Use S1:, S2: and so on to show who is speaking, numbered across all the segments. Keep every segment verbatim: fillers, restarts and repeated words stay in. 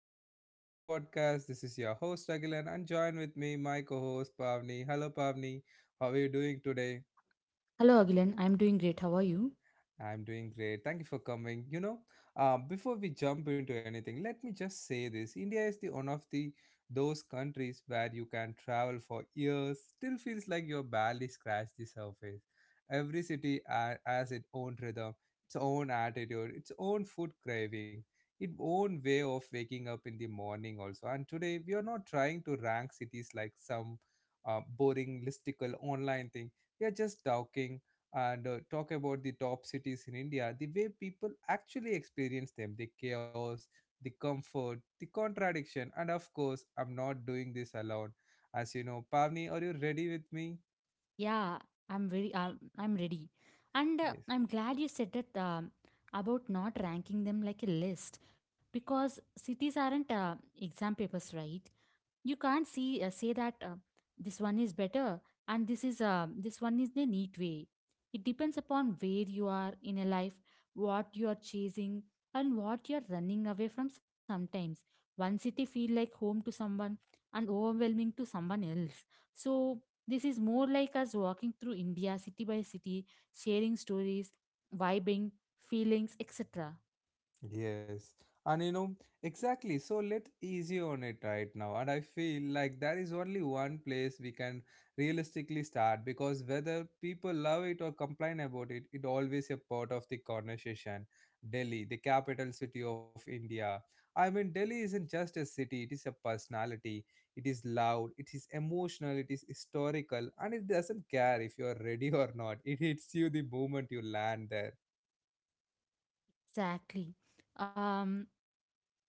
S1: another episode of my podcast. This is your host Agilan and join with me my co-host Pavni. Hello Pavni, how are you doing today?
S2: Hello, Agilan. I'm doing great. How are you?
S1: I'm doing great. Thank you for coming. You know, uh, before we jump into anything, let me just say this: India is the one of the those countries where you can travel for years, still feels like you're barely scratched the surface. Every city ha- has its own rhythm, its own attitude, its own food craving, its own way of waking up in the morning. Also, and today we are not trying to rank cities like some uh, boring listicle online thing. We are just talking and uh, talk about the top cities in India, the way people actually experience them, the chaos, the comfort, the contradiction, and of course, I'm not doing this alone. As you know, Pavni, are you ready with me?
S2: Yeah, I'm very um, I'm ready, and uh,
S1: Yes.
S2: I'm glad you said that um, about not ranking them like a list because cities aren't uh, exam papers, right? You can't see uh, say that uh, this one is better and this is uh, this one is the neat way. It depends upon where you are in a life, what you are chasing, and what you are running away from. Sometimes one city feel like home to someone and overwhelming to someone else. So this is more like us walking through India city by city, sharing stories, vibing, feelings, et cetera.
S1: Yes, and you know exactly. So let us easy on it right now, and I feel like there is only one place we can realistically start because whether people love it or complain about it, it always a part of the conversation. Delhi, the capital city of India. I mean, Delhi isn't just a city; it is a personality. It is loud, it is emotional, it is historical, and it doesn't care if you are ready or not. It hits you the moment you land there.
S2: Exactly. Um,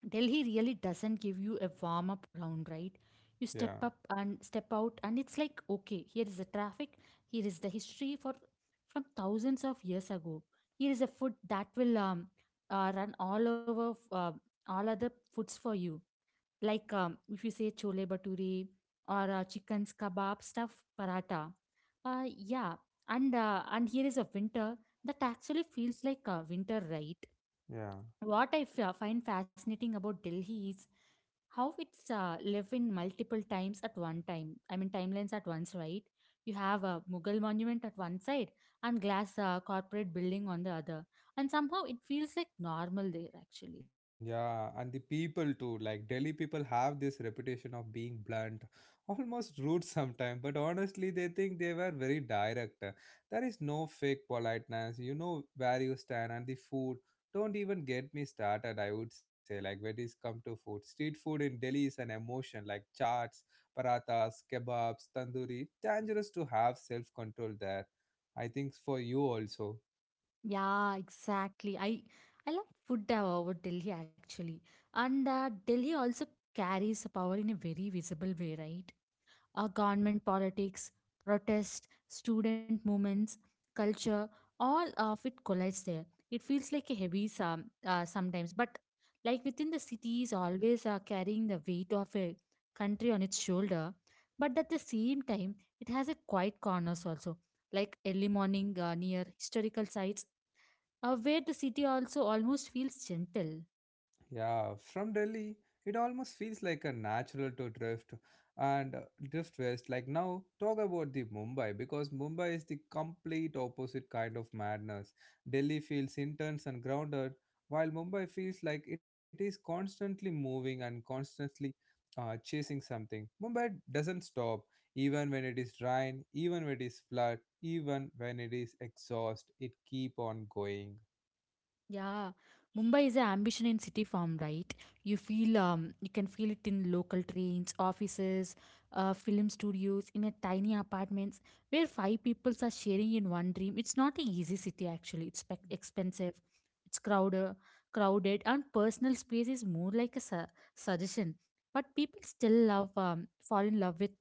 S2: Delhi really doesn't give you a warm up round, right? You step
S1: Yeah,
S2: up and step out, and it's like, okay, here is the traffic, here is the history for from thousands of years ago. Here is a food that will um, uh, run all over f- uh, all other foods for you. Like um, if you say chole bhature or uh, chicken's kebab stuffed paratha. Uh, yeah, and uh, and here is a winter that actually feels like a winter, right?
S1: yeah.
S2: What I f- find fascinating about Delhi is how it's uh, live in multiple times at one time. I mean timelines at once, right? You have a Mughal monument at one side and glass uh, corporate building on the other, and somehow it feels like normal there actually.
S1: Yeah, and the people too. Like Delhi people have this reputation of being blunt, almost rude sometimes, but honestly, they think they were very direct. There is no fake politeness. You know where you stand and the food. Don't even get me started, I would say. Like when it's come to food. Street food in Delhi is an emotion, like chaats, parathas, kebabs, tandoori. Dangerous to have self-control there. I think for you also.
S2: Yeah, exactly. I I love food uh, over Delhi actually, and uh, Delhi also carries power in a very visible way, right? Our government politics, protest, student movements, culture, all of it collides there. It feels like a heavy some uh, sometimes, but like within the city is always uh, carrying the weight of a country on its shoulder. But at the same time, it has a quiet corners also, like early morning uh, near historical sites uh, where the city also almost feels gentle.
S1: Yeah, from Delhi, it almost feels like a natural to drift and uh, drift west. Like now, talk about the Mumbai because Mumbai is the complete opposite kind of madness. Delhi feels intense and grounded, while Mumbai feels like it is constantly moving and constantly uh, chasing something. Mumbai doesn't stop, even when it is rain, even when it is flood, even when it is exhaust. It keep on going.
S2: Yeah, Mumbai is an ambition in city form, right? You feel um, you can feel it in local trains, offices, uh, film studios, in a tiny apartments where five people are sharing in one dream. It's not an easy city actually. It's spec expensive, it's crowded, crowded, and personal space is more like a su- suggestion. But people still love um, fall in love with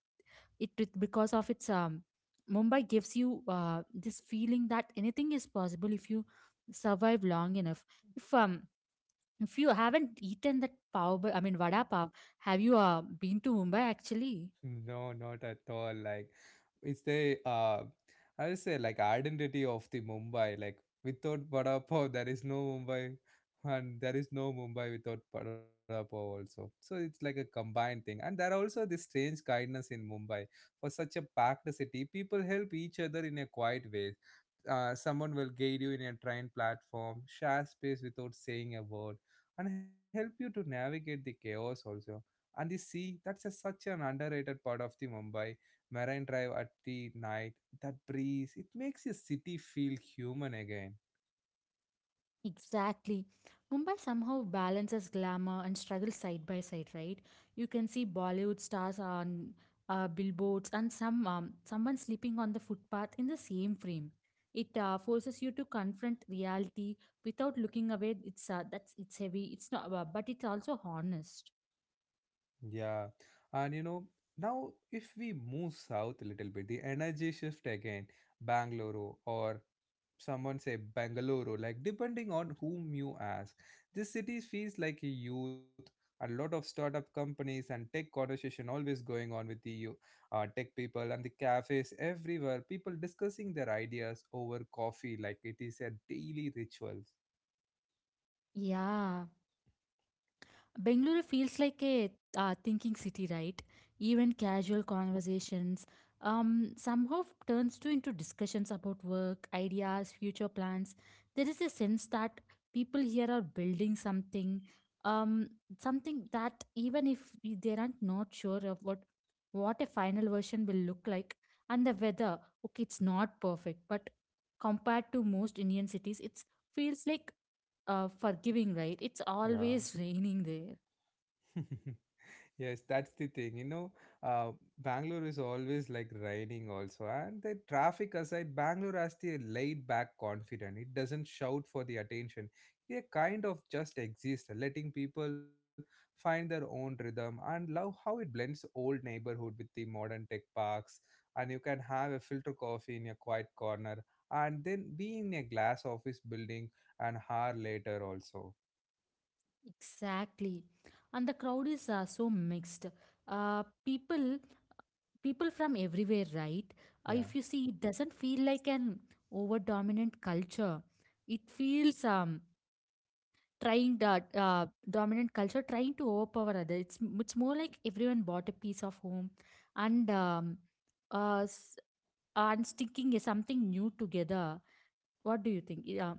S2: it it- because of its um Mumbai gives you uh, this feeling that anything is possible if you survive long enough. If um if you haven't eaten that pav, bha- I mean vada pav, have you uh, been to Mumbai actually?
S1: No, not at all. Like it's the uh I would say like identity of the Mumbai. Like without vada pav, there is no Mumbai, and there is no Mumbai without vada pav also. So it's like a combined thing. And there are also this strange kindness in Mumbai. For such a packed city, people help each other in a quiet way. Uh, someone will guide you in a train platform, share space without saying a word, and help you to navigate the chaos also. And the sea, that's a, such an underrated part of the Mumbai Marine Drive at the night. That breeze, it makes your city feel human again.
S2: Exactly. Mumbai somehow balances glamour and struggle side by side, right? You can see Bollywood stars on uh, billboards and some um, someone sleeping on the footpath in the same frame. It uh, forces you to confront reality without looking away. It's uh, that's it's heavy. It's not, uh, but it's also honest.
S1: Yeah, and you know now if we move south a little bit, the energy shift again, Bangalore or someone say Bangalore, like depending on whom you ask. This city feels like a youth, a lot of startup companies and tech conversation always going on with the you- uh, tech people and the cafes everywhere. People discussing their ideas over coffee like it is a daily rituals.
S2: Yeah. Bangalore feels like a uh, thinking city, right? Even casual conversations um, somehow turns to into discussions about work, ideas, future plans. There is a sense that people here are building something, um, something that even if we- they aren't not sure of what what a final version will look like, and the weather, okay, it's not perfect, but compared to most Indian cities, it feels like uh, forgiving, right? It's
S1: Yeah.
S2: always raining there.
S1: Yes, that's the thing. You know, uh, Bangalore is always like raining also, and the traffic aside, Bangalore has the laid back confident. It doesn't shout for the attention. They kind of just exist, letting people find their own rhythm and love how it blends old neighborhood with the modern tech parks. And you can have a filter coffee in a quiet corner, and then be in a glass office building an hour later also.
S2: Exactly, and the crowd is uh, so mixed. Uh, people, people from everywhere, right? Uh, if
S1: Yeah.
S2: you see, it doesn't feel like an over dominant culture. It feels um trying that uh, dominant culture trying to overpower other. It's it's more like everyone bought a piece of home, and um, uh, s- and sticking something new together. What do you think? Yeah,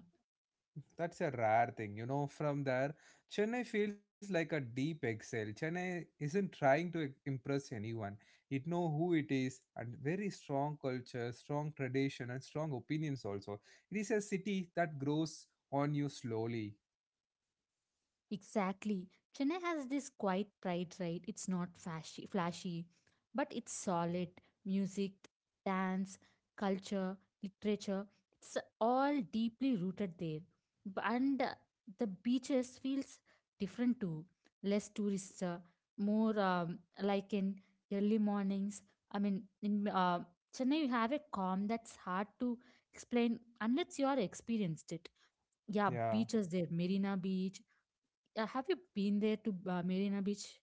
S1: That's a rare thing. You know, from there, Chennai feels like a deep exhale. Chennai isn't trying to impress anyone. It know who it is and very strong culture, strong tradition and strong opinions also. It is a city that grows on you slowly.
S2: Exactly. Chennai has this quiet pride, right? It's not flashy, flashy, but it's solid. Music, dance, culture, literature, it's all deeply rooted there. B- And uh, the beaches feels different too. Less tourist, uh, more um, like in early mornings. I mean, in uh, Chennai, you have a calm that's hard to explain unless you are experienced it. Yeah,
S1: Yeah.
S2: beaches there, Marina Beach yeah, have you been there to uh, Marina Beach?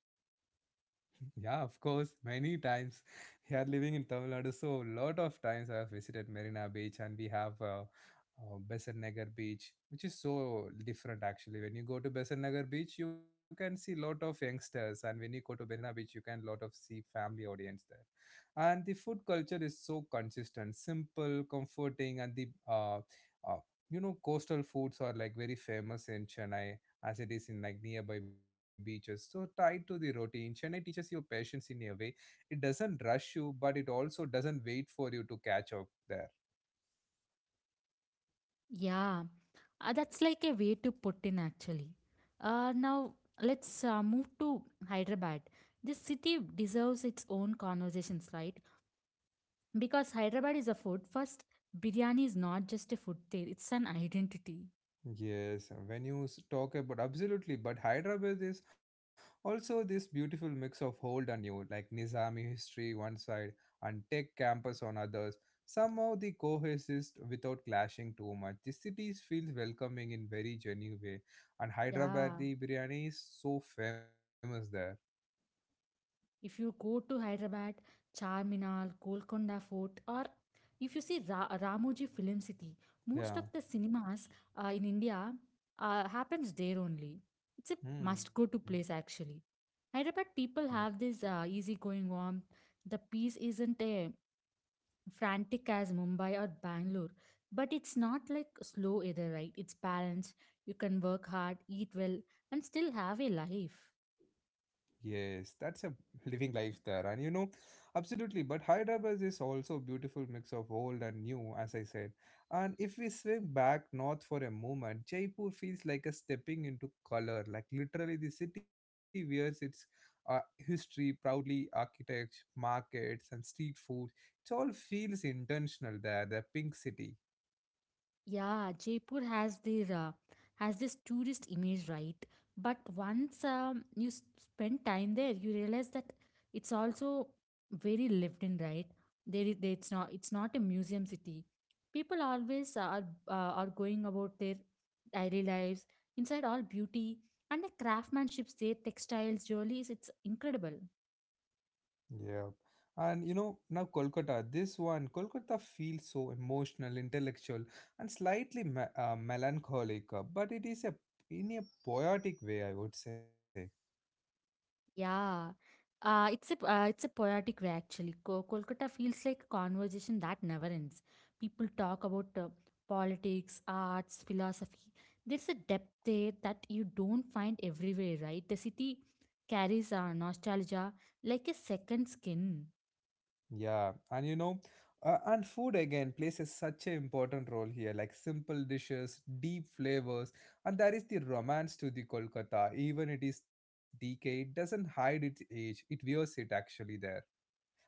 S1: Yeah, of course, many times. Here living in Tamil Nadu, so lot of times I have visited Marina Beach and we have uh, uh, Besant Nagar Beach, which is so different actually. When you go to Besant Nagar Beach, you can see lot of youngsters, and when you go to Marina Beach, you can lot of see family audience there. And the food culture is so consistent, simple, comforting, and the uh, uh, you know coastal foods are like very famous in Chennai as it is in like nearby beaches. So tied to the routine, Chennai teaches you patience in a way. It doesn't rush you, but it also doesn't wait for you to catch up there.
S2: Yeah, uh, that's like a way to put in actually. Uh, now let's uh, move to Hyderabad. This city deserves its own conversations, right? Because Hyderabad is a food first. Biryani is not just a food there; it's an identity.
S1: Yes, when you s- talk about absolutely, but Hyderabad is also this beautiful mix of old and new, like Nizami history one side and tech campus on others. Somehow they coexist without clashing too much. The city feels welcoming in very genuine way, and
S2: Yeah.
S1: Hyderabadi biryani is so famous there.
S2: If you go to Hyderabad, Charminar, Golconda Fort, or if you see Ra- Ramoji Film City, most
S1: Yeah.
S2: of the cinemas uh, in India uh, happens there only. It's a
S1: Hmm.
S2: must-go to place actually. Hyderabad
S1: Yes.
S2: people have this uh, easygoing warmth. The peace isn't a frantic as Mumbai or Bangalore, but it's not like slow either, right? It's balanced. You can work hard, eat well, and still have a life.
S1: Yes, that's a living life there. And you know, absolutely. But Hyderabad is also a beautiful mix of old and new, as I said. And if we swim back north for a moment, Jaipur feels like a stepping into color. Like literally, the city wears its uh, history proudly, architects, markets, and street food. It all feels intentional there, the pink city.
S2: Yeah, Jaipur has this uh, has this tourist image, right? But once um, you s- spend time there, you realize that it's also very lived in, right? There, i- there it's not it's not a museum city. People always are uh, are going about their daily lives inside all beauty and the craftsmanships, their textiles, jewelries. It's incredible.
S1: Yeah. And you know, now Kolkata, this one, Kolkata feels so emotional, intellectual, and slightly me- uh, melancholic, uh, but it is a in a poetic way, I would say.
S2: Yeah. Uh, it's a uh, it's a poetic way actually. Co- Kolkata feels like a conversation that never ends. People talk about uh, politics, arts, philosophy. There's a depth there that you don't find everywhere, right? The city carries uh, nostalgia like a second skin.
S1: Yeah. And you know, uh, and food again plays a, such an important role here, like simple dishes, deep flavors, and there is the romance to the Kolkata. Even it is decay, it doesn't hide its age, it wears it actually there.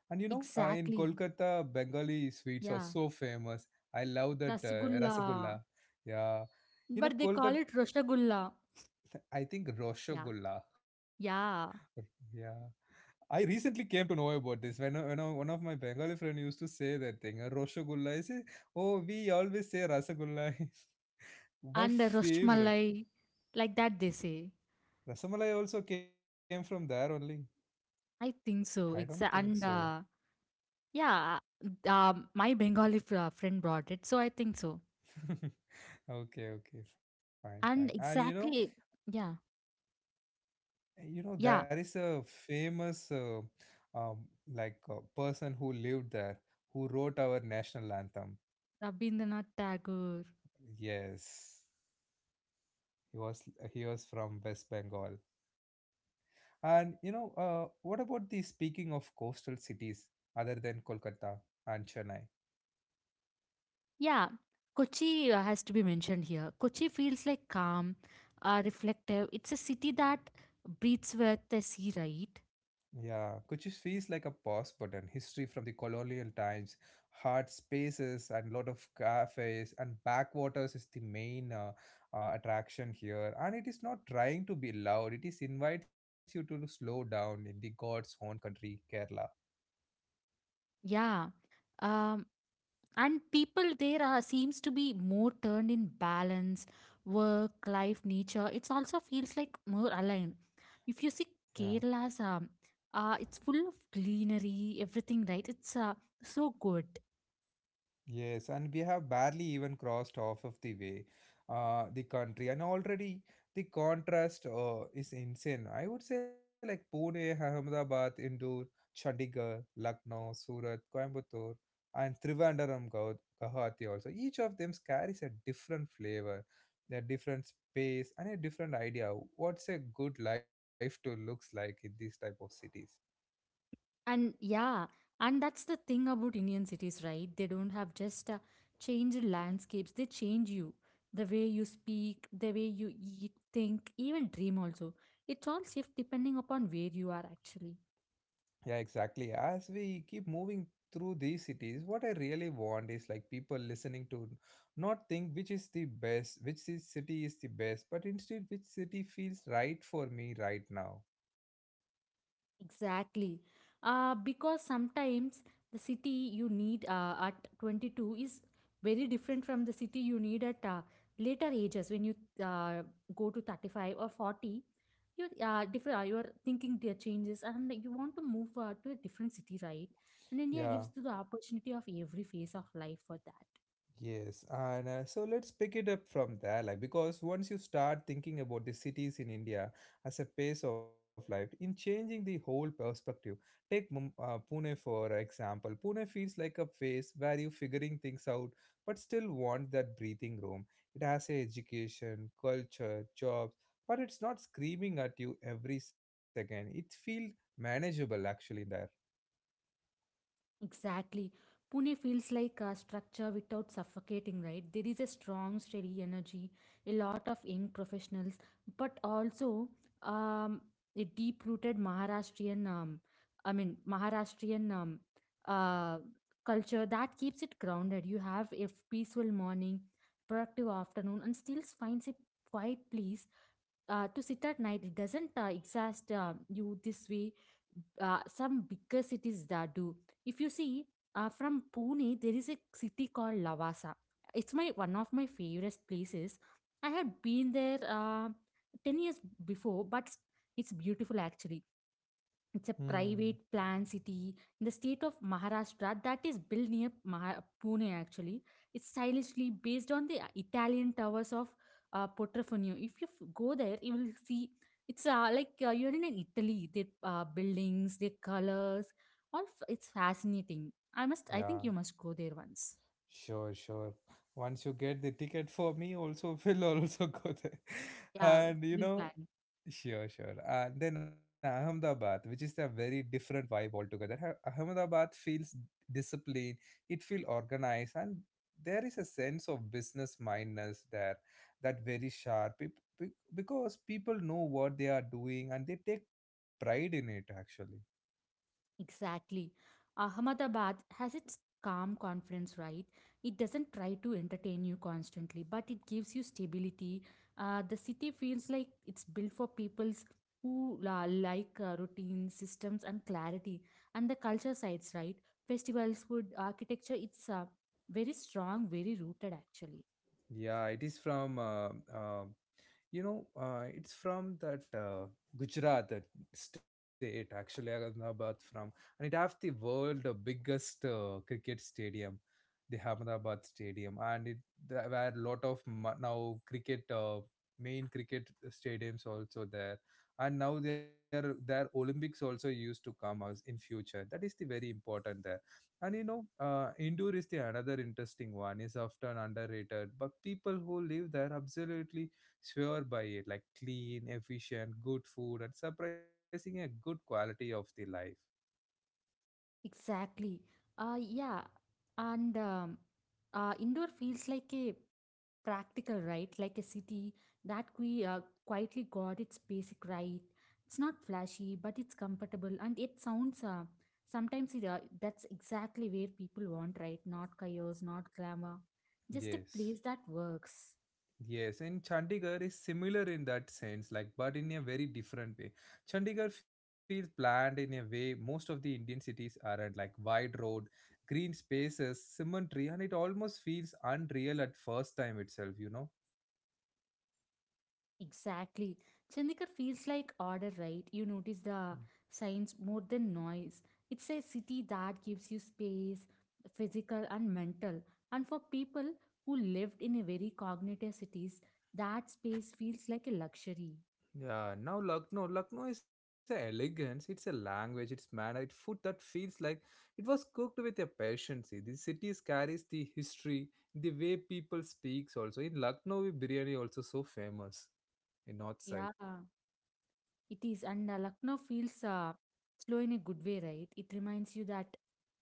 S1: And you know, uh, in
S2: Exactly.
S1: Kolkata, Bengali sweets are
S2: Yeah.
S1: so famous. I love that uh,
S2: Rasgulla.
S1: rasagulla. Yeah. You know,
S2: But they call
S1: Kolkata,
S2: it Roshagulla.
S1: I think
S2: Yeah.
S1: roshogulla.
S2: Yeah.
S1: Yeah. I recently came to know about this when, uh, when uh, one of my Bengali friend used to say that thing, uh, Roshogulla. I say, oh, we always say Rasagulla. My
S2: And uh,
S1: favorite.
S2: Rosmalai. Like that they say.
S1: Rasamalai also came from there only.
S2: I think
S1: I
S2: so.
S1: don't
S2: Exactly.
S1: think
S2: And
S1: so.
S2: uh, Yeah, uh, um, my Bengali fr- uh, friend brought it, so I think so.
S1: Okay, okay, fine, fine.
S2: And
S1: And you know,
S2: exactly, yeah,
S1: You know,
S2: yeah,
S1: there is a famous uh, um, like uh, person who lived there who wrote our national anthem.
S2: Rabindranath Tagore.
S1: Yes, he was he was from West Bengal. And you know, uh, what about the speaking of coastal cities other than Kolkata and Chennai?
S2: Yeah, Kochi uh, has to be mentioned here. Kochi feels like calm, uh, reflective. It's a city that breathes with the sea, right?
S1: Yeah, Kuchis feels like a pause button. History from the colonial times, hard spaces, and lot of cafes and backwaters is the main uh, uh, attraction here. And it is not trying to be loud. It is invites you to slow down in the God's own country, Kerala.
S2: Yeah. Um, and people there are seems to be more turned in balance work life nature, it also feels like more aligned if you see
S1: Yeah.
S2: kerala's um uh, it's full of greenery everything right it's uh, so good
S1: Yes, and we have barely even crossed half of the way, uh, the country, and already the contrast uh, is insane. I would say like Pune, Ahmedabad, Indore, Chandigarh, Lucknow, Surat, Coimbatore, and Trivandrum, Gau- Guwahati also. Each of them carries a different flavor, a different space, and a different idea. What's a good life to looks like in these type of cities?
S2: and yeah, and that's the thing about Indian cities, right? They don't have just uh, changed landscapes, they change you the way you speak, the way you eat, think, even dream also, it's all shift depending upon where you are actually.
S1: Yeah, exactly. As we keep moving through these cities, what I really want is like people listening to not think which is the best, which ci- city is the best, but instead which city feels right for me right now.
S2: Exactly. Uh, because sometimes the city you need uh, at twenty-two is very different from the city you need at uh, later ages when you uh, go to thirty-five or forty. You uh, different. Uh, your thinking there changes, and you want to move uh, to a different city, right? And India
S1: Yeah.
S2: gives you the opportunity of every phase of life for that.
S1: Yes, and uh, so let's pick it up from there, like because once you start thinking about the cities in India as a pace of life, in changing the whole perspective, take Mum uh, Pune for example. Pune feels like a phase where you're figuring things out, but still want that breathing room. It has a education, culture, jobs, but it's not screaming at you every second. It feels manageable actually in there.
S2: Exactly. Pune feels like a structure without suffocating, right? There is a strong, steady energy, a lot of young professionals, but also um, a deep-rooted Maharashtrian, um, I mean, Maharashtrian um, uh, culture that keeps it grounded. You have a peaceful morning, productive afternoon, and still finds a quiet place uh, to sit at night. It doesn't uh, exhaust uh, you this way uh, some bigger cities that do if you see. Uh, from Pune there is a city called Lavasa. It's my one of my favorite places. I had been there uh, ten years before, but it's beautiful actually. It's a
S1: Hmm.
S2: private planned city in the state of Maharashtra that is built near Maha- Pune actually. It's stylishly based on the uh, Italian towers of uh, Portofino. If you f- go there, you will see it's uh, like uh, you're in an Italy. The uh, buildings, their colors, all f- it's fascinating. I must. I
S1: Yeah.
S2: think you must go there once.
S1: Sure, sure. Once you get the ticket for me, also will also go there.
S2: Yeah,
S1: And you
S2: we'll
S1: know,
S2: plan.
S1: sure, sure. And then Ahmedabad, which is a very different vibe altogether. Ah- Ahmedabad feels disciplined, it feels organized, and there is a sense of business mindness there that very sharp be- be- because people know what they are doing and they take pride in it actually.
S2: Exactly. Uh, Ahmedabad has its calm confidence, right? It doesn't try to entertain you constantly, but it gives you stability. Uh, the city feels like it's built for peoples who la like uh, routine systems and clarity. And the culture sides, right? Festivals, food, architecture, it's uh, very strong, very rooted actually.
S1: Yeah, it is from uh, uh, You know, uh, it's from that uh, Gujarat that state, actually, Ahmedabad from, and it have the world biggest uh, cricket stadium the Ahmedabad stadium, and it there were a lot of ma- now cricket uh, main cricket stadiums also there, and now there their Olympics also used to come as in future. That is the very important there, and you know, uh, indoor is the another interesting one. Is often underrated, but people who live there absolutely swear by it, like clean, efficient, good food, and surprising a good quality of the life.
S2: Exactly. Uh, yeah. And um, uh, indoor feels like a practical right, like a city that we uh, quietly got its basic right. It's not flashy, but it's comfortable, and it sounds. Uh, sometimes it, uh, that's exactly where people want, right? Not chaos, not glamour, just a
S1: Yes.
S2: place that works.
S1: Yes, and Chandigarh is similar in that sense, like, but in a very different way. Chandigarh feels planned in a way most of the Indian cities aren't, like wide road, green spaces, cemetery, and it almost feels unreal at first time itself, you know.
S2: Exactly. Chandigarh feels like order, right? You notice the signs more than noise. It's a city that gives you space, physical and mental. And for people who lived in a very cognitive cities, that space feels like a luxury.
S1: Yeah, now Lucknow. Lucknow is a elegance, it's a language, it's manner, it's food that feels like it was cooked with a passion. See, the city carries the history, the way people speaks also. In Lucknow, biryani also so famous in north side.
S2: Yeah. It is, and uh, Lucknow feels uh, slow in a good way, right? It reminds you that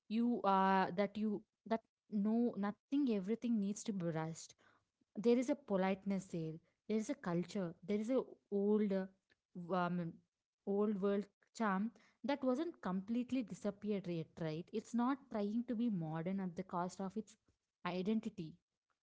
S2: you uh, that you that no nothing everything needs to be rushed. There is a politeness there. There is a culture. There is a old uh, w- um, old world charm that wasn't completely disappeared yet, right? It's not trying to be modern at the cost of its identity.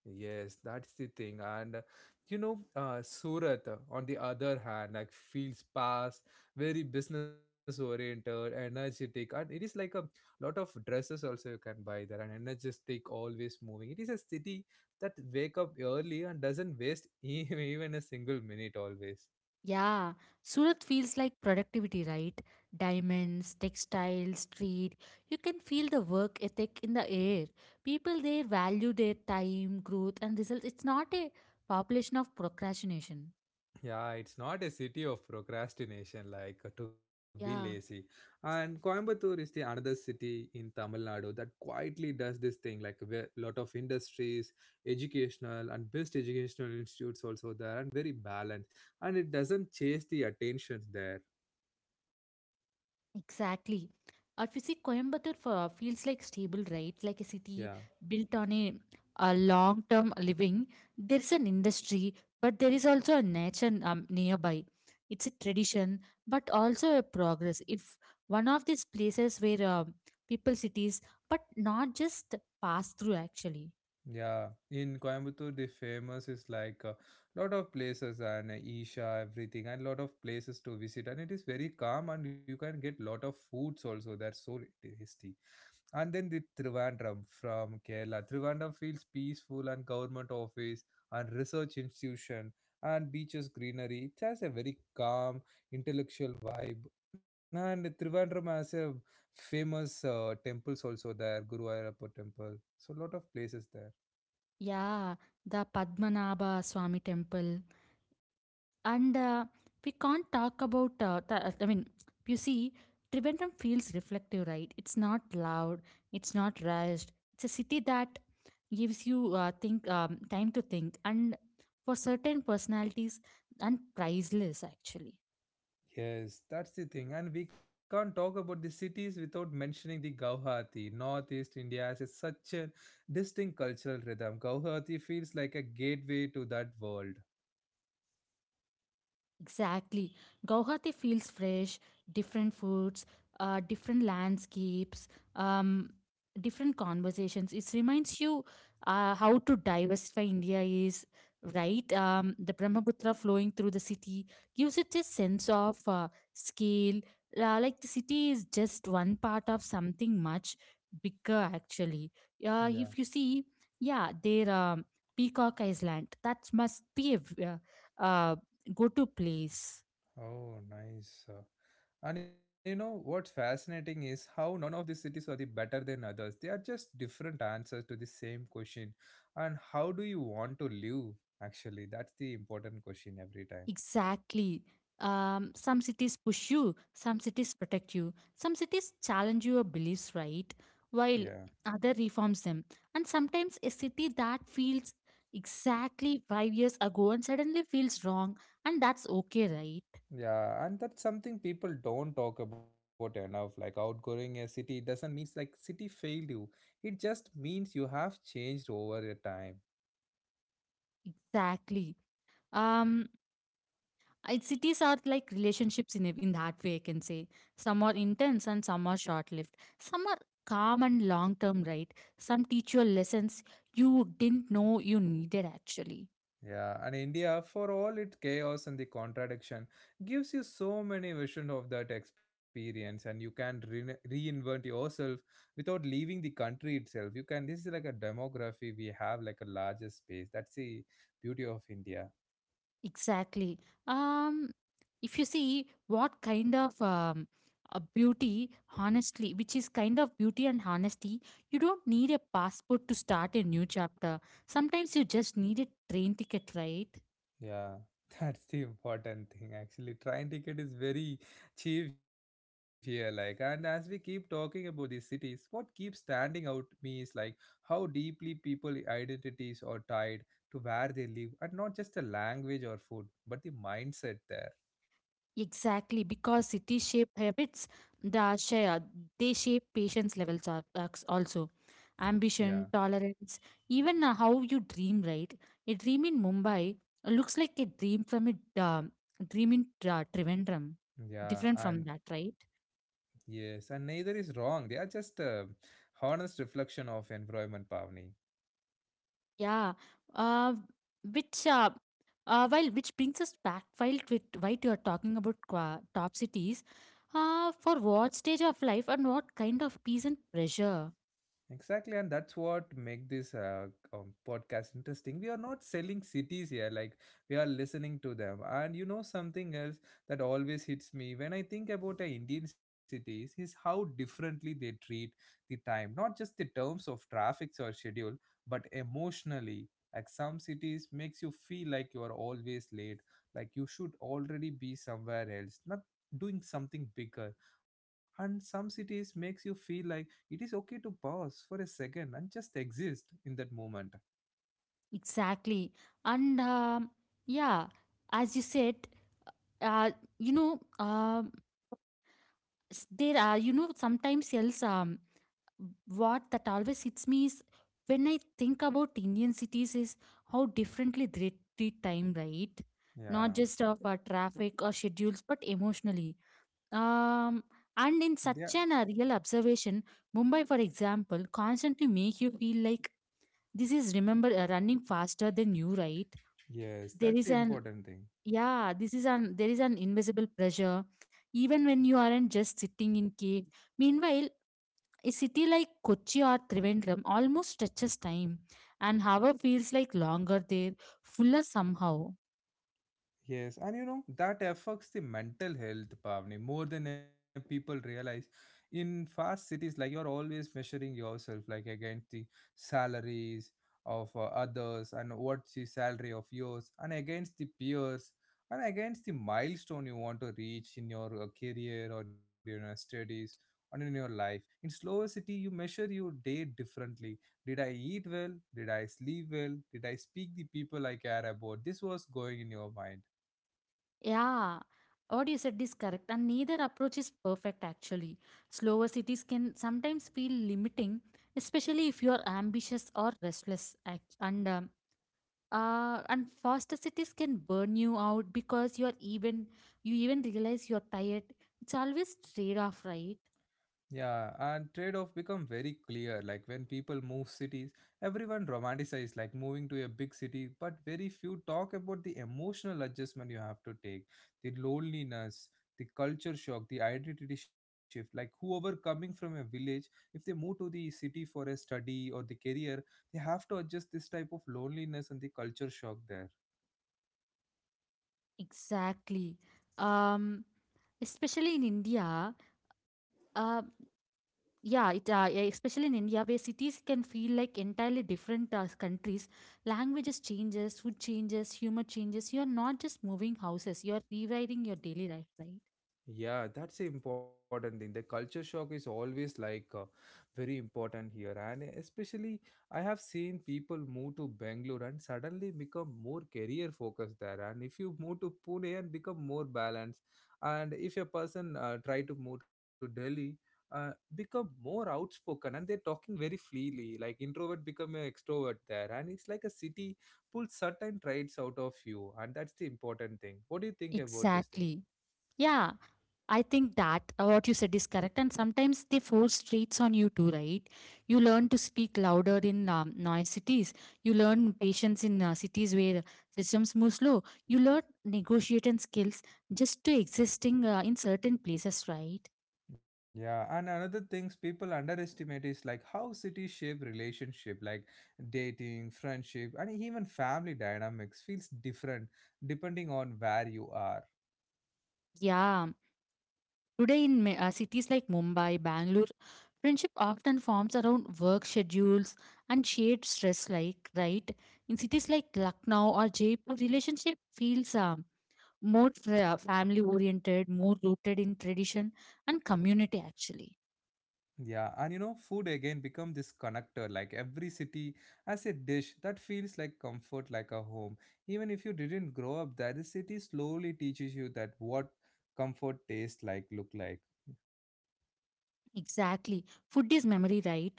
S1: Yes, that's the thing. And uh, you know, uh, Surat, uh, on the other hand, like feels fast, very business oriented, energetic, and it is like a lot of dresses also you can buy there, and energetic, always moving. It is a city that wake up early and doesn't waste e- even a single minute always.
S2: Yeah, Surat feels like productivity, right? Diamonds, textiles, street. You can feel the work ethic in the air. People there value their time, growth, and results. It's not a population of procrastination.
S1: Yeah, it's not a city of procrastination like uh, to be lazy.
S2: Yeah.
S1: And Coimbatore is the another city in Tamil Nadu that quietly does this thing like a lot of industries, educational and best educational institutes also there and very balanced and it doesn't chase the attention there.
S2: Exactly. If you see Coimbatore for, feels like stable, right? Like a
S1: Yeah.
S2: city built on a, a long term living. There is an industry, but there is also a nature um, nearby. It's a tradition, but also a progress. If one of these places where uh, people cities, but not just pass through actually.
S1: Yeah, in Coimbatore, the famous is like a lot of places and Isha, everything, and lot of places to visit. And it is very calm, and you can get lot of foods also. That's so tasty. And then the Trivandrum from Kerala. Trivandrum feels peaceful and government office and research institution and beaches greenery. It has a very calm intellectual vibe. And Trivandrum has a famous uh, temples also there, Guru Ayurappa temple. So a lot of places there.
S2: Yeah, the Padmanabha Swami Temple. And uh, we can't talk about, uh, th- I mean, you see, Trivandrum feels reflective, right? It's not loud, it's not rushed. It's a city that gives you uh, think um, time to think, and for certain personalities, and priceless actually.
S1: Yes, that's the thing. And we can't talk about the cities without mentioning the Guwahati. Northeast India has a- such a distinct cultural rhythm. Guwahati feels like a gateway to that world.
S2: Exactly. Guwahati feels fresh, different foods, uh, different landscapes, um, different conversations. It reminds you uh, how to diversify India is, right? Um, the Brahmaputra flowing through the city gives it a sense of uh, scale. Uh, like the city is just one part of something much bigger, actually. Uh, if you
S1: Yeah.
S2: see, yeah, there um, Peacock Island. That must be a v- uh, go to place.
S1: Oh, nice. Uh, And you know what's fascinating is how none of these cities are the better than others. They are just different answers to the same question. And how do you want to live? Actually, that's the important question every time.
S2: Exactly. Um, some cities push you, some cities protect you, some cities challenge your beliefs, right? While
S1: Yeah.
S2: other reforms them, and sometimes a city that feels exactly five years ago and suddenly feels wrong, and that's okay, right?
S1: Yeah, and that's something people don't talk about enough. Like outgrowing a city doesn't mean like city failed you. It just means you have changed over a time.
S2: Exactly. um It, cities are like relationships in, a- in that way, I can say. Some are intense and some are short lived. Some are calm and long term, right? Some teach you lessons you didn't know you needed, actually.
S1: Yeah, and India, for all its chaos and the contradiction, gives you so many visions of that experience, and you can re- reinvent yourself without leaving the country itself. You can. This is like a demography we have, like a larger space. That's the beauty of India.
S2: Exactly. Um, if you see what kind of um, a beauty, honestly, which is kind of beauty and honesty, you don't need a passport to start a new chapter. Sometimes you just need a train ticket, right?
S1: Yeah, that's the important thing actually. Train ticket is very cheap here, like, and as we keep talking about these cities, what keeps standing out me is like how deeply people identities are tied to where they live, and not just the language or food, but the mindset there.
S2: Exactly, because city shape habits, the share, they shape patience levels al- als- also.
S1: Yeah,
S2: Ambition, tolerance, even uh, how you dream, right? A dream in Mumbai looks like a dream from a uh, dream in uh, Trivandrum,
S1: yeah,
S2: different from
S1: and
S2: that, right?
S1: yes, and neither is wrong. They are just a honest reflection of environment, Pavni.
S2: Yeah, uh, which uh, uh, while which brings us back while with while you are talking about qua- top cities, uh, for what stage of life and what kind of peace and pressure.
S1: Exactly, and that's what make this uh, um, podcast interesting. We are not selling cities here; like we are listening to them. And you know something else that always hits me when I think about uh, Indian cities is how differently they treat the time, not just the terms of traffics or schedule, but emotionally. Like some cities makes you feel like you are always late, like you should already be somewhere else, not doing something bigger. And some cities makes you feel like it is okay to pause for a second and just exist in that moment.
S2: Exactly. And um, yeah, as you said, uh, you know, um, s- there are, you know, sometimes else um what that always hits me is when I think about Indian cities is how differently they treat time, right? Not
S1: yeah
S2: just of uh, traffic or schedules but emotionally. um and
S1: yeah
S2: in such an uh, real observation, Mumbai for example constantly make you feel like this is remember uh, running faster than you, right?
S1: yes,
S2: There
S1: that's
S2: is
S1: the
S2: an
S1: important thing.
S2: Yeah, this is an there is an invisible pressure even when you aren't just sitting in cave. Meanwhile, a city like Kochi or Trivandrum almost stretches time, and hour feels like longer there, fuller somehow.
S1: Yes, and you know that affects the mental health, Pavni, more than uh, people realize. In fast cities, like you're always measuring yourself, like against the salaries of uh, others, and what's the salary of yours, and against the peers, and against the milestone you want to reach in your uh, career or in your uh, studies or in your life. In slower city, you measure your day differently. Did I eat well? Did I sleep well? Did I speak the people I care about? This was going in your mind.
S2: Yeah, what you said is correct, and neither approach is perfect actually. Slower cities can sometimes feel limiting, especially if you are ambitious or restless. ac- And um, uh, and faster cities can burn you out because you're even you even realize you're tired. It's always trade off, right?
S1: Yeah, and trade-off become very clear. Like when people move cities, everyone romanticizes like moving to a big city, but very few talk about the emotional adjustment you have to take, the loneliness, the culture shock, the identity shift. Like whoever coming from a village, if they move to the city for a study or the career, they have to adjust this type of loneliness and the culture shock there.
S2: Exactly. um Especially in India. uh, yeah it uh, yeah, especially in India where cities can feel like entirely different uh, countries. Languages changes, food changes, humor changes. You're not just moving houses, you're rewriting your daily life, right?
S1: Yeah, that's the important thing. The culture shock is always like uh, very important here, and especially I have seen people move to Bangalore and suddenly become more career focused there. And if you move to Pune and become more balanced, and if a person uh, try to move to Delhi, uh, become more outspoken and they're talking very freely. Like introvert become an extrovert there, and it's like a city pulls certain traits out of you, and that's the important thing. What do you think about this thing?
S2: Exactly. Yeah, I think that uh, what you said is correct, and sometimes they force traits on you too, right? You learn to speak louder in um, noise cities. You learn patience in uh, cities where systems move slow. You learn negotiating skills just to existing uh, in certain places, right?
S1: Yeah, and another things people underestimate is like how cities shape relationship, like dating, friendship, and even family dynamics feels different depending on where you are.
S2: Yeah. Today in ma- uh, cities like Mumbai, Bangalore, friendship often forms around work schedules and shared stress, like, right? In cities like Lucknow or Jaipur, relationship feels um more tra- family oriented, more rooted in tradition and community, actually.
S1: Yeah, and you know, food again become this connector. Like every city has a dish that feels like comfort, like a home. Even if you didn't grow up there, the city slowly teaches you that what comfort tastes like, look like.
S2: Exactly. Food is memory, right?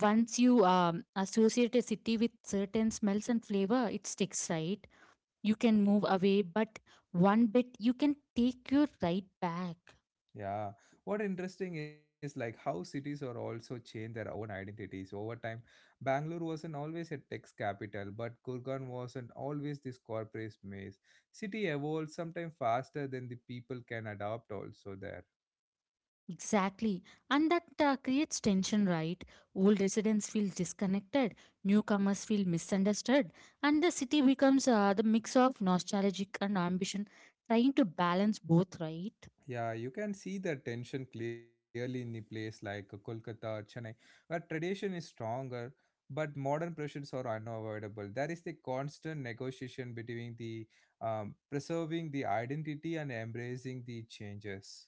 S2: Once you um, associate a city with certain smells and flavor, it sticks, right? You can move away, but one bit you can take you right back.
S1: Yeah, what interesting is like how cities are also change their own identities over time. Bangalore wasn't always a tech capital, but Gurgaon wasn't always this corporate maze. City evolves sometimes faster than the people can adapt also there.
S2: Exactly. And that uh, creates tension, right? Old residents feel disconnected, newcomers feel misunderstood, and the city becomes uh, the mix of nostalgic and ambition, trying to balance both, right?
S1: Yeah, you can see the tension clearly in the place like Kolkata or Chennai, where tradition is stronger, but modern pressures are unavoidable. There is the constant negotiation between the um, preserving the identity and embracing the changes.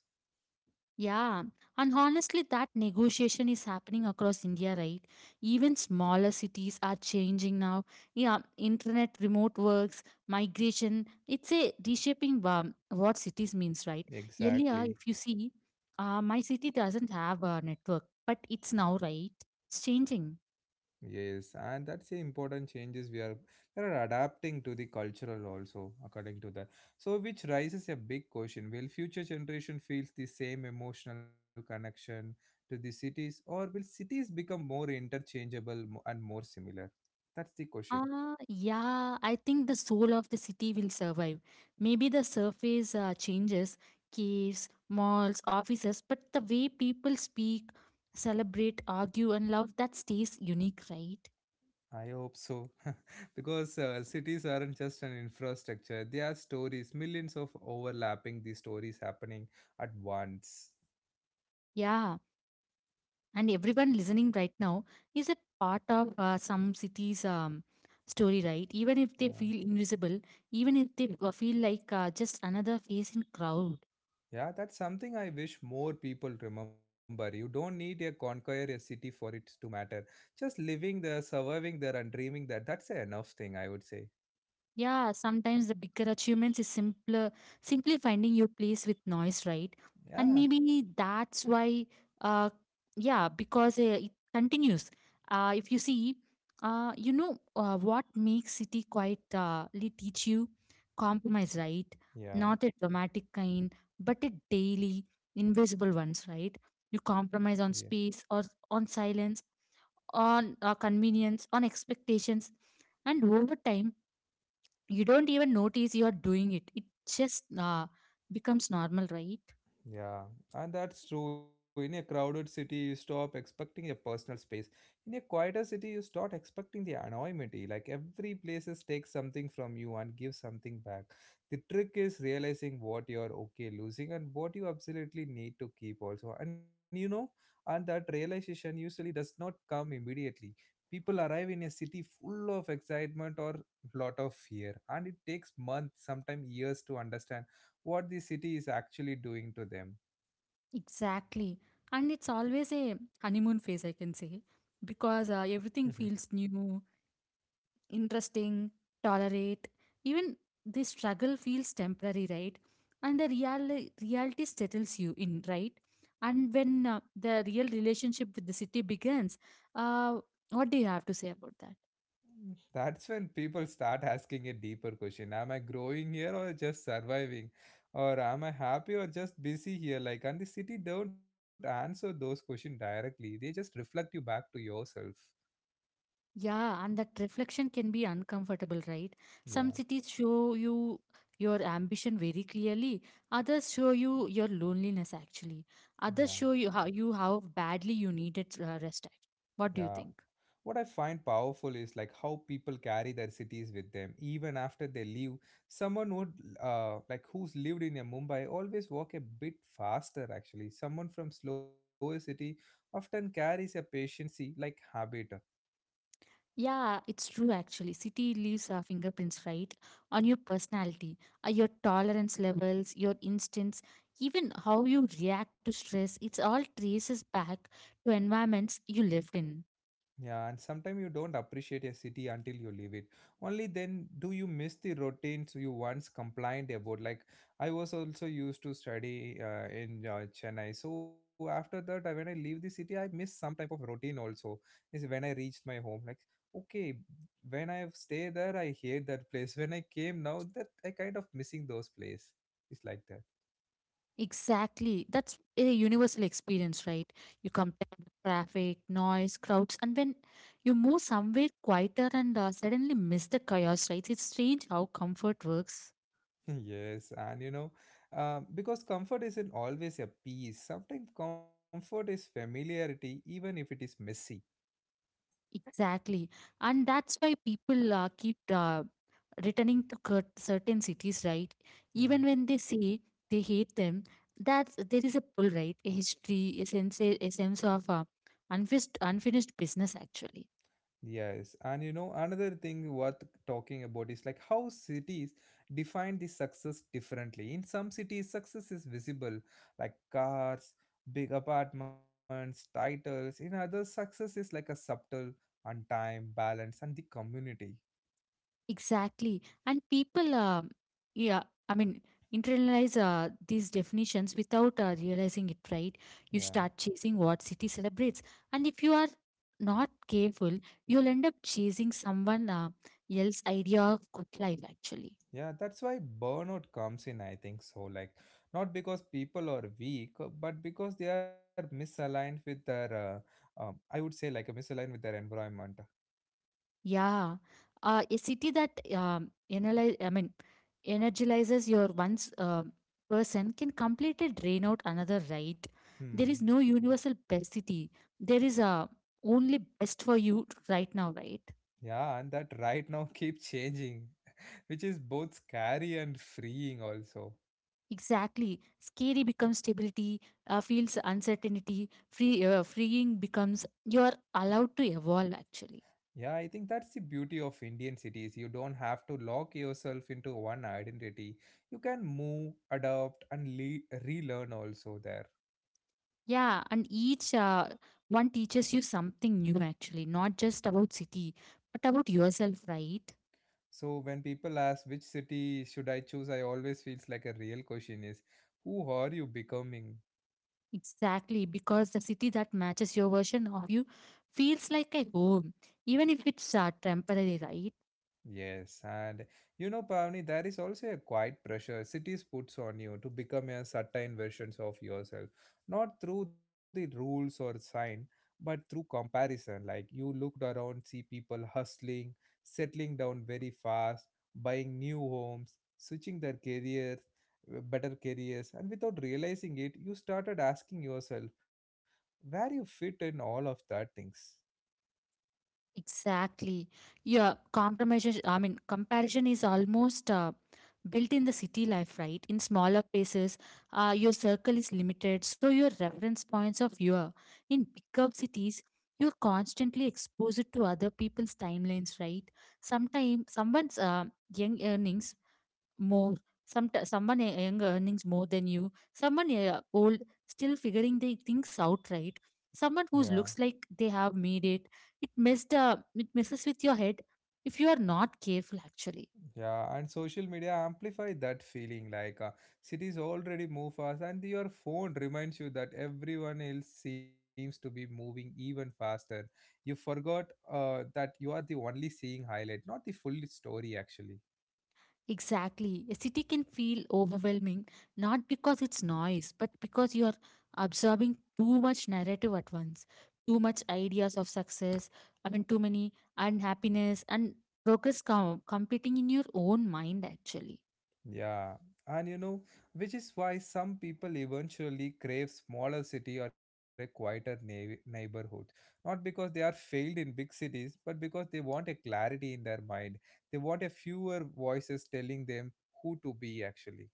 S2: Yeah, and honestly, that negotiation is happening across India, right? Even smaller cities are changing now. Yeah, internet, remote works, migration, it's a reshaping um, what cities means, right? Earlier,
S1: Exactly.
S2: if you see, uh, my city doesn't have a network, but it's now, right? It's changing.
S1: Yes, and that's the important changes we are we are adapting to the cultural also according to that. So which raises a big question: Will future generation feels the same emotional connection to the cities, or will cities become more interchangeable mo- and more similar? That's the question.
S2: Ah, yeah, I think the soul of the city will survive. Maybe the surface uh, changes, caves, malls, offices, but the way people speak, celebrate, argue, and love that stays unique, right?
S1: I hope so, because uh, cities aren't just an infrastructure; they are stories, millions of overlapping the stories happening at once.
S2: Yeah, and everyone listening right now is a part of uh, some city's um, story, right? Even if they
S1: Yeah.
S2: feel invisible, even if they uh, feel like uh, just another face in crowd.
S1: Yeah, that's something I wish more people remember. You don't need a conquer a city for it to matter. Just living there, surviving there, and dreaming that that's a enough thing, I would say.
S2: Yeah, sometimes the bigger achievements is simpler, simply finding your place with noise, right? And
S1: Yeah,
S2: maybe that's why, uh, yeah, because uh, it continues. Uh, if you see, uh, you know uh, what makes city quite uh, li- teach you compromise, right?
S1: yeah,
S2: Not a dramatic kind, but a daily, invisible ones, right? You
S1: yeah.
S2: compromise on space, or on silence, on uh, convenience, on expectations, and over time you don't even notice you're doing it it just uh, becomes normal, right?
S1: Yeah, and that's true. In a crowded city, you stop expecting a personal space. In a quieter city, you start expecting the anonymity. Like every places takes something from you and gives something back. The trick is realizing what you're okay losing and what you absolutely need to keep also. And you know, and that realization usually does not come immediately. People arrive in a city full of excitement or lot of fear, and it takes months, sometimes years, to understand what the city is actually doing to them.
S2: Exactly. And it's always a honeymoon phase, I can say, because uh, everything
S1: Mhm.
S2: feels new, interesting, tolerate. Even the struggle feels temporary, right? And the real reality settles you in, right? And when uh, the real relationship with the city begins, uh, what do you have to say about that?
S1: That's when people start asking a deeper question. Am I growing here or just surviving? Or am I happy or just busy here? Like, and the city don't answer those questions directly, they just reflect you back to yourself.
S2: Yeah, and that reflection can be uncomfortable, right? Some
S1: Yeah.
S2: cities show you your ambition very clearly. Others show you your loneliness, actually. Others
S1: Yeah,
S2: show you how you how badly you needed uh, rest. act- What do
S1: yeah.
S2: you think?
S1: What I find powerful is like how people carry their cities with them even after they leave. Someone would uh, like who's lived in a Mumbai always walk a bit faster actually. Someone from slower city often carries a patience like habit.
S2: Yeah, it's true actually. City leaves our fingerprints, right? On your personality, uh, your tolerance levels, your instincts, even how you react to stress. It's all traces back to environments you lived in.
S1: Yeah, and sometimes you don't appreciate a city until you leave it. Only then do you miss the routines you once complained about. Like I was also used to study uh, in uh, Chennai. So after that, I, when I leave the city, I miss some type of routine also. Is when I reached my home. Like okay, when I stay there, I hate that place. When I came now, that I kind of missing those place. It's like that.
S2: Exactly. That's a universal experience, right? You compare the traffic, noise, crowds, and when you move somewhere quieter and uh, suddenly miss the chaos, right? It's strange how comfort works.
S1: Yes, and you know, uh, because comfort isn't always a peace. Sometimes comfort is familiarity, even if it is messy.
S2: Exactly. And that's why people uh, keep uh, returning to cur- certain cities, right? Even
S1: Yeah.
S2: when they say they hate them, that's, there is a pull, right? A history, a sense, a sense of uh, unfinished, unfinished business, actually.
S1: Yes, and you know, another thing worth talking about is like how cities define the success differently. In some cities, success is visible, like cars, big apartments, titles. In others, success is like a subtle, on time, balance, and the community.
S2: Exactly. And people, uh, yeah, I mean, internalize uh, these definitions without uh, realizing it, right? You
S1: Yeah.
S2: start chasing what city celebrates. And if you are not careful, you'll end up chasing someone uh, else's idea of good life, actually.
S1: Yeah, that's why burnout comes in, I think so. Like, not because people are weak, uh, but because they are misaligned with their, uh, um, I would say, like, uh, misaligned with their environment.
S2: Yeah, uh, a city that um, analyze, I mean, energizes your one's uh, person can completely drain out another, right? There is
S1: Hmm.
S2: no universal best city. There is a only best for you right now, right?
S1: Yeah, and that right now keep changing, which is both scary and freeing, also.
S2: Exactly. Scary becomes stability. Uh, feels uncertainty. Free, uh, freeing becomes you are allowed to evolve. Actually.
S1: Yeah, I think that's the beauty of Indian cities. You don't have to lock yourself into one identity. You can move, adapt, and le- relearn also there.
S2: Yeah, and each uh, one teaches you something new, actually, not just about city, but about yourself, right?
S1: So when people ask which city should I choose, I always feels like a real question is, who are you becoming?
S2: Exactly, because the city that matches your version of you feels like a home, even if it's uh, temporary, right?
S1: Yes, and you know, Pavni, there is also a quiet pressure cities puts on you to become a certain versions of yourself, not through the rules or sign, but through comparison. Like you looked around, see people hustling, settling down very fast, buying new homes, switching their careers, uh, better careers, and without realizing it, you started asking yourself where you fit in all of that things.
S2: Exactly. Yeah, compromise. I mean, comparison is almost uh, built in the city life, right? In smaller places, uh, your circle is limited, so your reference points of view. In bigger cities, you're constantly exposed to other people's timelines, right? Sometimes someone's uh, young earnings more some someone e- young earnings more than you, someone uh, old still figuring the things out, right?
S1: Yeah.
S2: Someone who looks like they have made it it messed up it messes with your head if you are not careful actually.
S1: Yeah, and social media amplify that feeling like uh, cities already move fast, and your phone reminds you that everyone else seems to be moving even faster. You forgot uh, that you are the only seeing highlight, not the full story actually.
S2: Exactly, a city can feel overwhelming not because it's noise but because you are absorbing too much narrative at once, too much ideas of success, I mean too many unhappiness and progress com- competing in your own mind actually.
S1: Yeah, and you know, which is why some people eventually crave smaller city or a quieter neigh- neighborhood. Not because they are failed in big cities, but because they want a clarity in their mind. They want a fewer voices telling them who to be actually.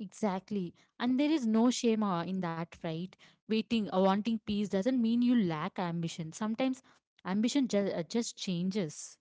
S2: Exactly. And there is no shame uh, in that, right? Waiting, uh, wanting peace doesn't mean you lack ambition. Sometimes ambition ju- uh, just changes.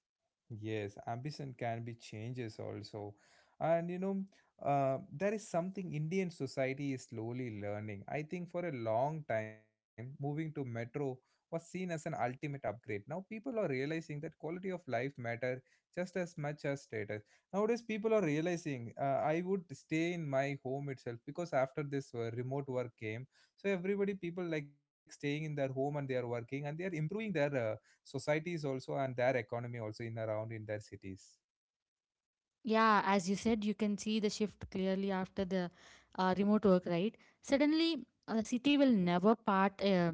S1: Yes, ambition can be changes also. And you know, uh, there is something Indian society is slowly learning. I think for a long time, moving to metro was seen as an ultimate upgrade. Now people are realizing that quality of life matter just as much as status. Nowadays, people are realizing, uh, I would stay in my home itself because after this uh, remote work came, so everybody people like staying in their home and they are working and they are improving their uh, societies also and their economy also in around in their cities.
S2: Yeah, as you said, you can see the shift clearly after the uh, remote work, right? Suddenly, uh, the city will never part, uh,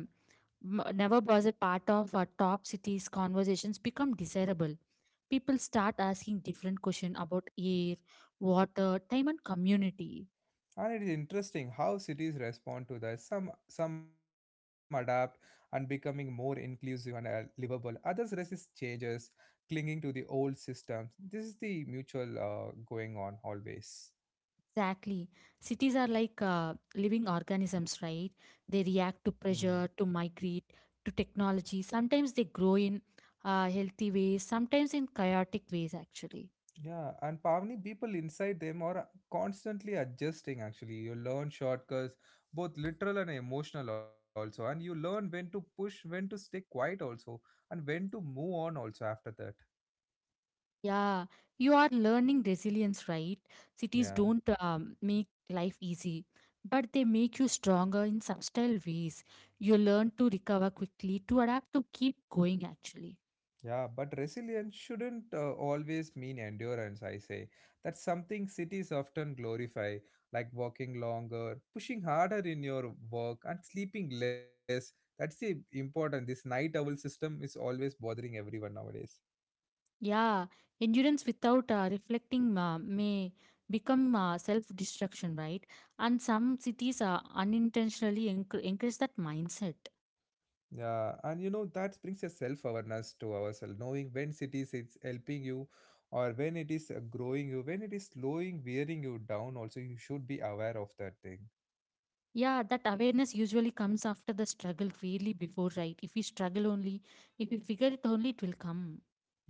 S2: m- never was a part of our top cities. Conversations become desirable. People start asking different questions about air, water, time, and community.
S1: And it is interesting how cities respond to that. Some some adapt and becoming more inclusive and uh, livable, others resist changes, clinging to the old systems. This is the mutual uh, going on always.
S2: Exactly. Cities are like uh, living organisms, right? They react to
S1: Hmm.
S2: pressure, to migrate, to technology. Sometimes they grow in uh, healthy ways, sometimes in chaotic ways, actually.
S1: Yeah, and Pavni, people inside them are constantly adjusting actually. You learn shortcuts, both literal and emotional also. And you learn when to push, when to stay quiet also, and when to move on also after that.
S2: Yeah, you are learning resilience, right? Cities
S1: Yeah.
S2: don't um, make life easy, but they make you stronger in subtle ways. You learn to recover quickly, to adapt, to keep going, actually.
S1: Yeah, but resilience shouldn't uh, always mean endurance, I say. That's something cities often glorify, like working longer, pushing harder in your work, and sleeping less. That's the important. This night owl system is always bothering everyone nowadays.
S2: Yeah, endurance without uh, reflecting uh, may become uh, self destruction, right? And some cities uh, unintentionally enc- encourage that mindset.
S1: Yeah, and you know that brings a self-awareness to ourselves, knowing when it is it's helping you, or when it is uh, growing you, when it is slowing, wearing you down. Also, you should be aware of that thing.
S2: Yeah, that awareness usually comes after the struggle, rarely before, right? If we struggle only, if we figure it only, it will come.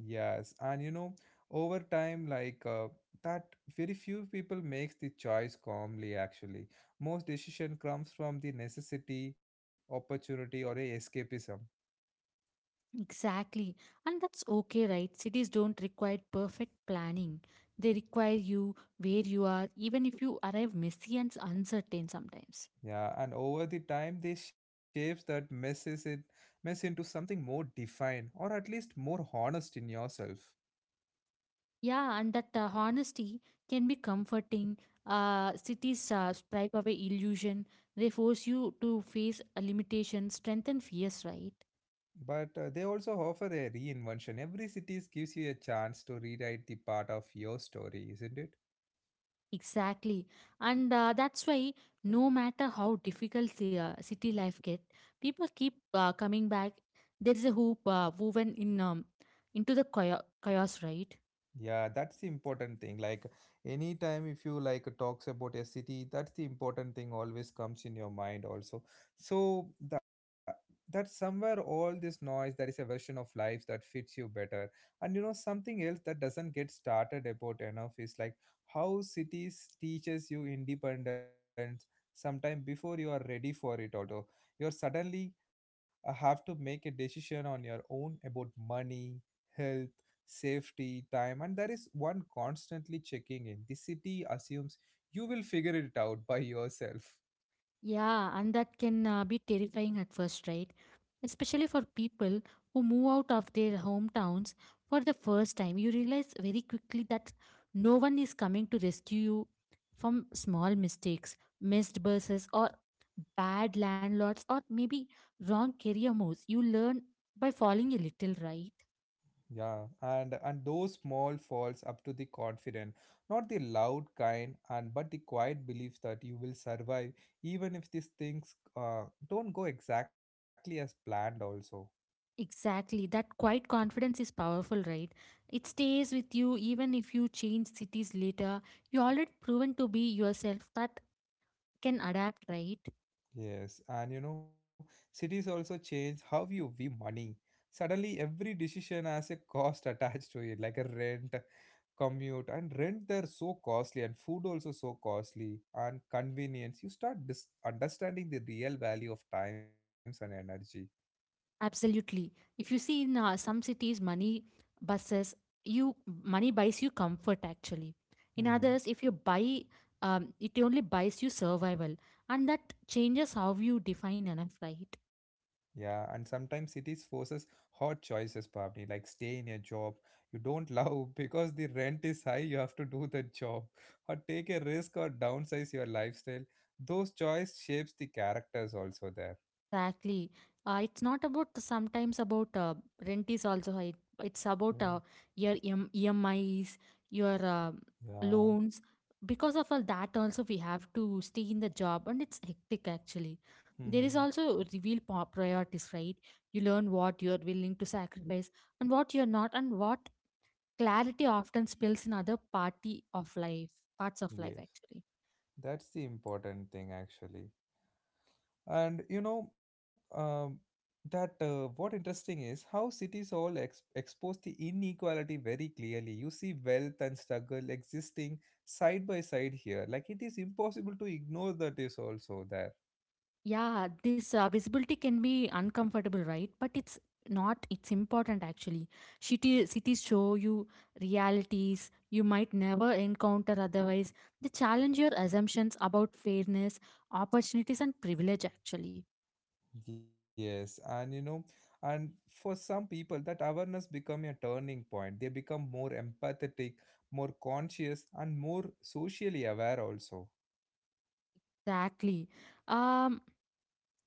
S1: Yes, and you know, over time, like uh, that, very few people makes the choice calmly. Actually, most decision comes from the necessity, opportunity, or a escapism.
S2: Exactly. And that's okay, right? Cities don't require perfect planning. They require you where you are, even if you arrive messy and uncertain sometimes.
S1: Yeah, and over the time they shapes that messes it mess into something more defined or at least more honest in yourself.
S2: Yeah, and that uh, honesty can be comforting. Uh, cities uh, stripe away illusion. They force you to face a limitation, strengthen fears, right?
S1: But uh, they also offer a reinvention. Every cities gives you a chance to rewrite the part of your story, isn't it?
S2: Exactly. And uh, that's why no matter how difficult the uh, city life get, people keep uh, coming back. There's a hoop uh, woven in um, into the chao- chaos, right?
S1: Yeah, that's the important thing. Like anytime if you like talks about a city, that's the important thing always comes in your mind also. So that that somewhere all this noise, there is a version of life that fits you better. And you know, something else that doesn't get started about enough is like how cities teaches you independence sometime before you are ready for it also. You're suddenly uh, have to make a decision on your own about money, health safety, time, and there is one constantly checking in. The city assumes you will figure it out by yourself.
S2: Yeah, and that can uh, be terrifying at first, right? Especially for people who move out of their hometowns for the first time. You realize very quickly that no one is coming to rescue you from small mistakes, missed buses, or bad landlords, or maybe wrong career moves. You learn by falling a little, right?
S1: Yeah, and and those small falls up to the confident, not the loud kind, and but the quiet belief that you will survive even if these things uh, don't go exactly as planned. Also.
S2: Exactly. That quiet confidence is powerful, right? It stays with you even if you change cities later. You already proven to be yourself that can adapt, right?
S1: Yes, and you know, cities also change how you view money. Suddenly, every decision has a cost attached to it, like a rent, commute, and rent they're so costly, and food also so costly, and convenience. You start dis- understanding the real value of times and energy.
S2: Absolutely. If you see in uh, some cities, money buses, you money buys you comfort actually. In
S1: Mm-hmm.
S2: others, if you buy, um, it only buys you survival, and that changes how you define enough, right?
S1: Yeah, and sometimes cities forces hard choices, probably like stay in a job you don't love because the rent is high, you have to do the job, or take a risk or downsize your lifestyle. Those choice shapes the characters also there.
S2: Exactly. Uh, it's not about sometimes about uh, rent is also high. It's about
S1: Yeah.
S2: uh, your em- E M Is, your uh,
S1: Yeah.
S2: loans. Because of all that, also we have to stay in the job, and it's hectic actually. There is also reveal po- priorities, right? You learn what you are willing to sacrifice and what you are not, and what clarity often spills in other party of life, parts of life
S1: yes.
S2: actually.
S1: That's the important thing actually. And you know, um, that uh, what interesting is how cities all ex- expose the inequality very clearly. You see wealth and struggle existing side by side here, like it is impossible to ignore that is also there.
S2: Yeah, this uh, visibility can be uncomfortable, right? But it's not, it's important actually. City, cities show you realities you might never encounter otherwise. They challenge your assumptions about fairness, opportunities, and privilege actually.
S1: Yes, and you know, and for some people that awareness become a turning point. They become more empathetic, more conscious, and more socially aware also.
S2: Exactly. Um,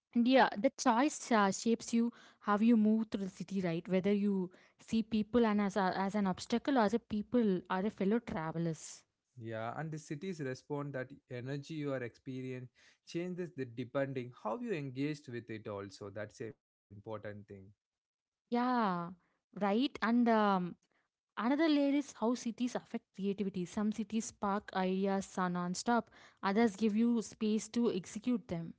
S2: and yeah, the choice uh, shapes you how you move through the city, right? Whether you see people and as, a, as an obstacle or as a people or a fellow travelers.
S1: Yeah, and the cities respond that energy you are experiencing changes the depending how you engaged with it also. That's an important thing.
S2: Yeah, right. And um, another layer is how cities affect creativity. Some cities spark ideas are non-stop. Others give you space to execute them.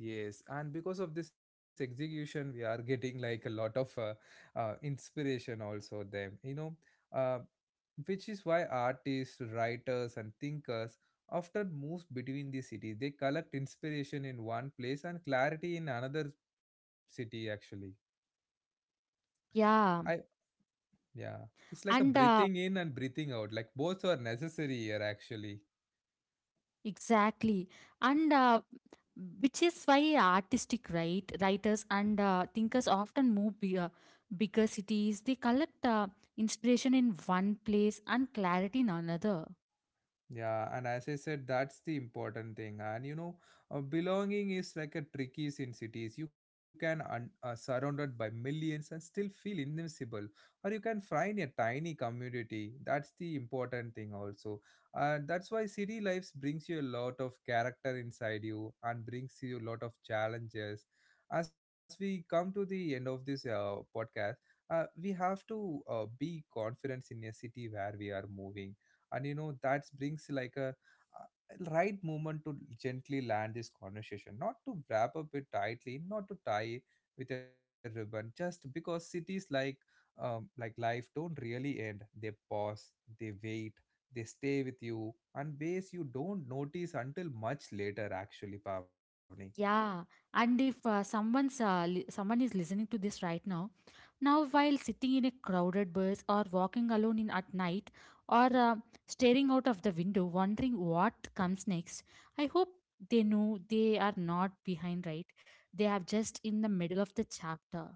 S1: Yes, and because of this execution, we are getting like a lot of uh, uh, inspiration also them. You know, uh, which is why artists, writers, and thinkers often move between the cities. They collect inspiration in one place and clarity in another city. Actually, I
S2: Yeah,
S1: yeah. It's like a
S2: and uh,
S1: breathing in and breathing out. Like both are necessary here, actually.
S2: exactly, and uh, which is why artistic right writers and uh, thinkers often move bigger, bigger cities. They collect uh, inspiration in one place and clarity in another.
S1: Yeah, and as I said, that's the important thing. And you know, uh, belonging is like a tricky in cities. You can un- uh, surrounded by millions and still feel invincible, or you can find a tiny community. That's the important thing also. Uh, that's why city life brings you a lot of character inside you and brings you a lot of challenges. As we come to the end of this uh, podcast, uh, we have to uh, be confident in a city where we are moving, and you know that brings like a uh, right moment to gently land this conversation, not to wrap up it tightly, not to tie with a ribbon, just because cities, like um, like life, don't really end. They pause, they wait, they stay with you and ways you don't notice until much later, actually, Pavni.
S2: Yeah, and if uh, someone's uh, li- someone is listening to this right now, now while sitting in a crowded bus or walking alone in at night or uh, staring out of the window wondering what comes next, I hope they know they are not behind, right? They are just in the middle of the chapter.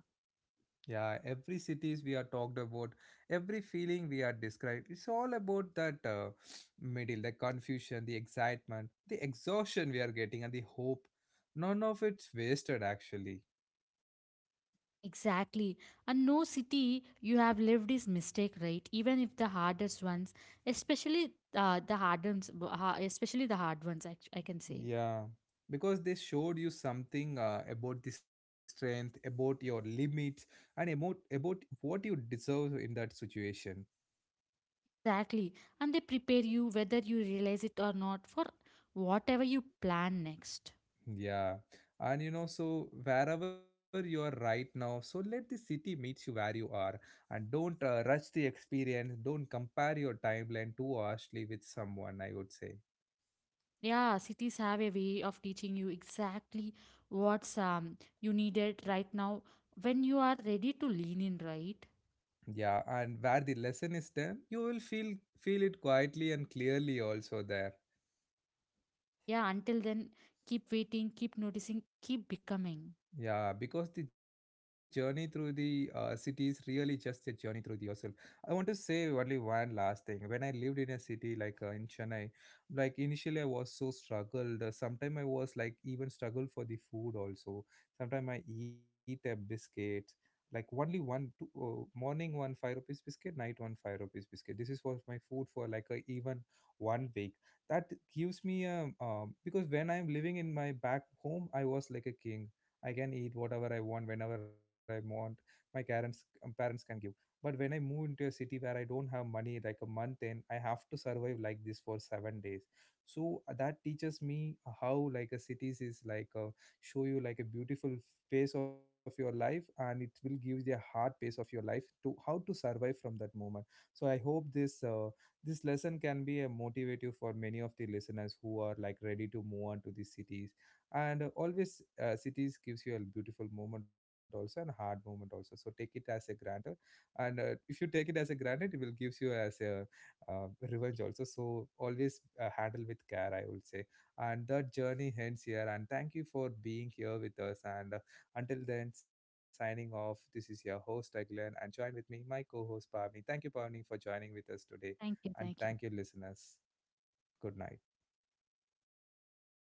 S1: Yeah, every cities we are talked about, every feeling we are described, it's all about that uh, middle, the confusion, the excitement, the exhaustion we are getting, and the hope. None of it's wasted actually.
S2: Exactly. And no city you have lived is mistake, right? Even if the hardest ones, especially uh, the hard ones, uh, especially the hard ones, I, I can say.
S1: Yeah, because they showed you something uh, about the strength, about your limits, and about about what you deserve in that situation.
S2: Exactly. And they prepare you, whether you realize it or not, for whatever you plan next.
S1: Yeah. And you know, so wherever you are right now, so let the city meet you where you are and don't uh, rush the experience. Don't compare your timeline too harshly with someone, I would say.
S2: Yeah, cities have a way of teaching you exactly what's um, you needed right now when you are ready to lean in, right?
S1: Yeah. And where the lesson is done, you will feel feel it quietly and clearly also there.
S2: Yeah, until then, keep waiting, keep noticing, keep becoming.
S1: Yeah, because the journey through the uh, city is really just a journey through the yourself. I want to say only one last thing. When I lived in a city like uh, in Chennai, like initially I was so struggled. Uh, Sometimes I was like even struggled for the food also. Sometimes I eat a biscuit, like only one two, uh, morning one five rupees biscuit, night one five rupees biscuit. This is was my food for like a, even one week. That gives me a um, because when I'm living in my back home, I was like a king. I can eat whatever I want whenever I want. My parents um, parents can give. But when I move into a city where I don't have money, like a month in, I have to survive like this for seven days. So uh, that teaches me how like a cities is like a, show you like a beautiful phase of your life, and it will give you a hard pace of your life to how to survive from that moment. So I hope this uh, this lesson can be a motivative for many of the listeners who are like ready to move on to these cities, and always uh, cities gives you a beautiful moment also and hard moment also, so take it as a granted. And uh, if you take it as a granted, it will gives you as a uh, revenge also, so always uh, handle with care, I would say. And that journey ends here, and thank you for being here with us. And uh, until then, signing off, this is your host Aglan, and join with me my co-host Pavni. Thank you, Pavni, for joining with us today.
S2: Thank you.
S1: And
S2: Thank you.
S1: thank you, listeners. Good night.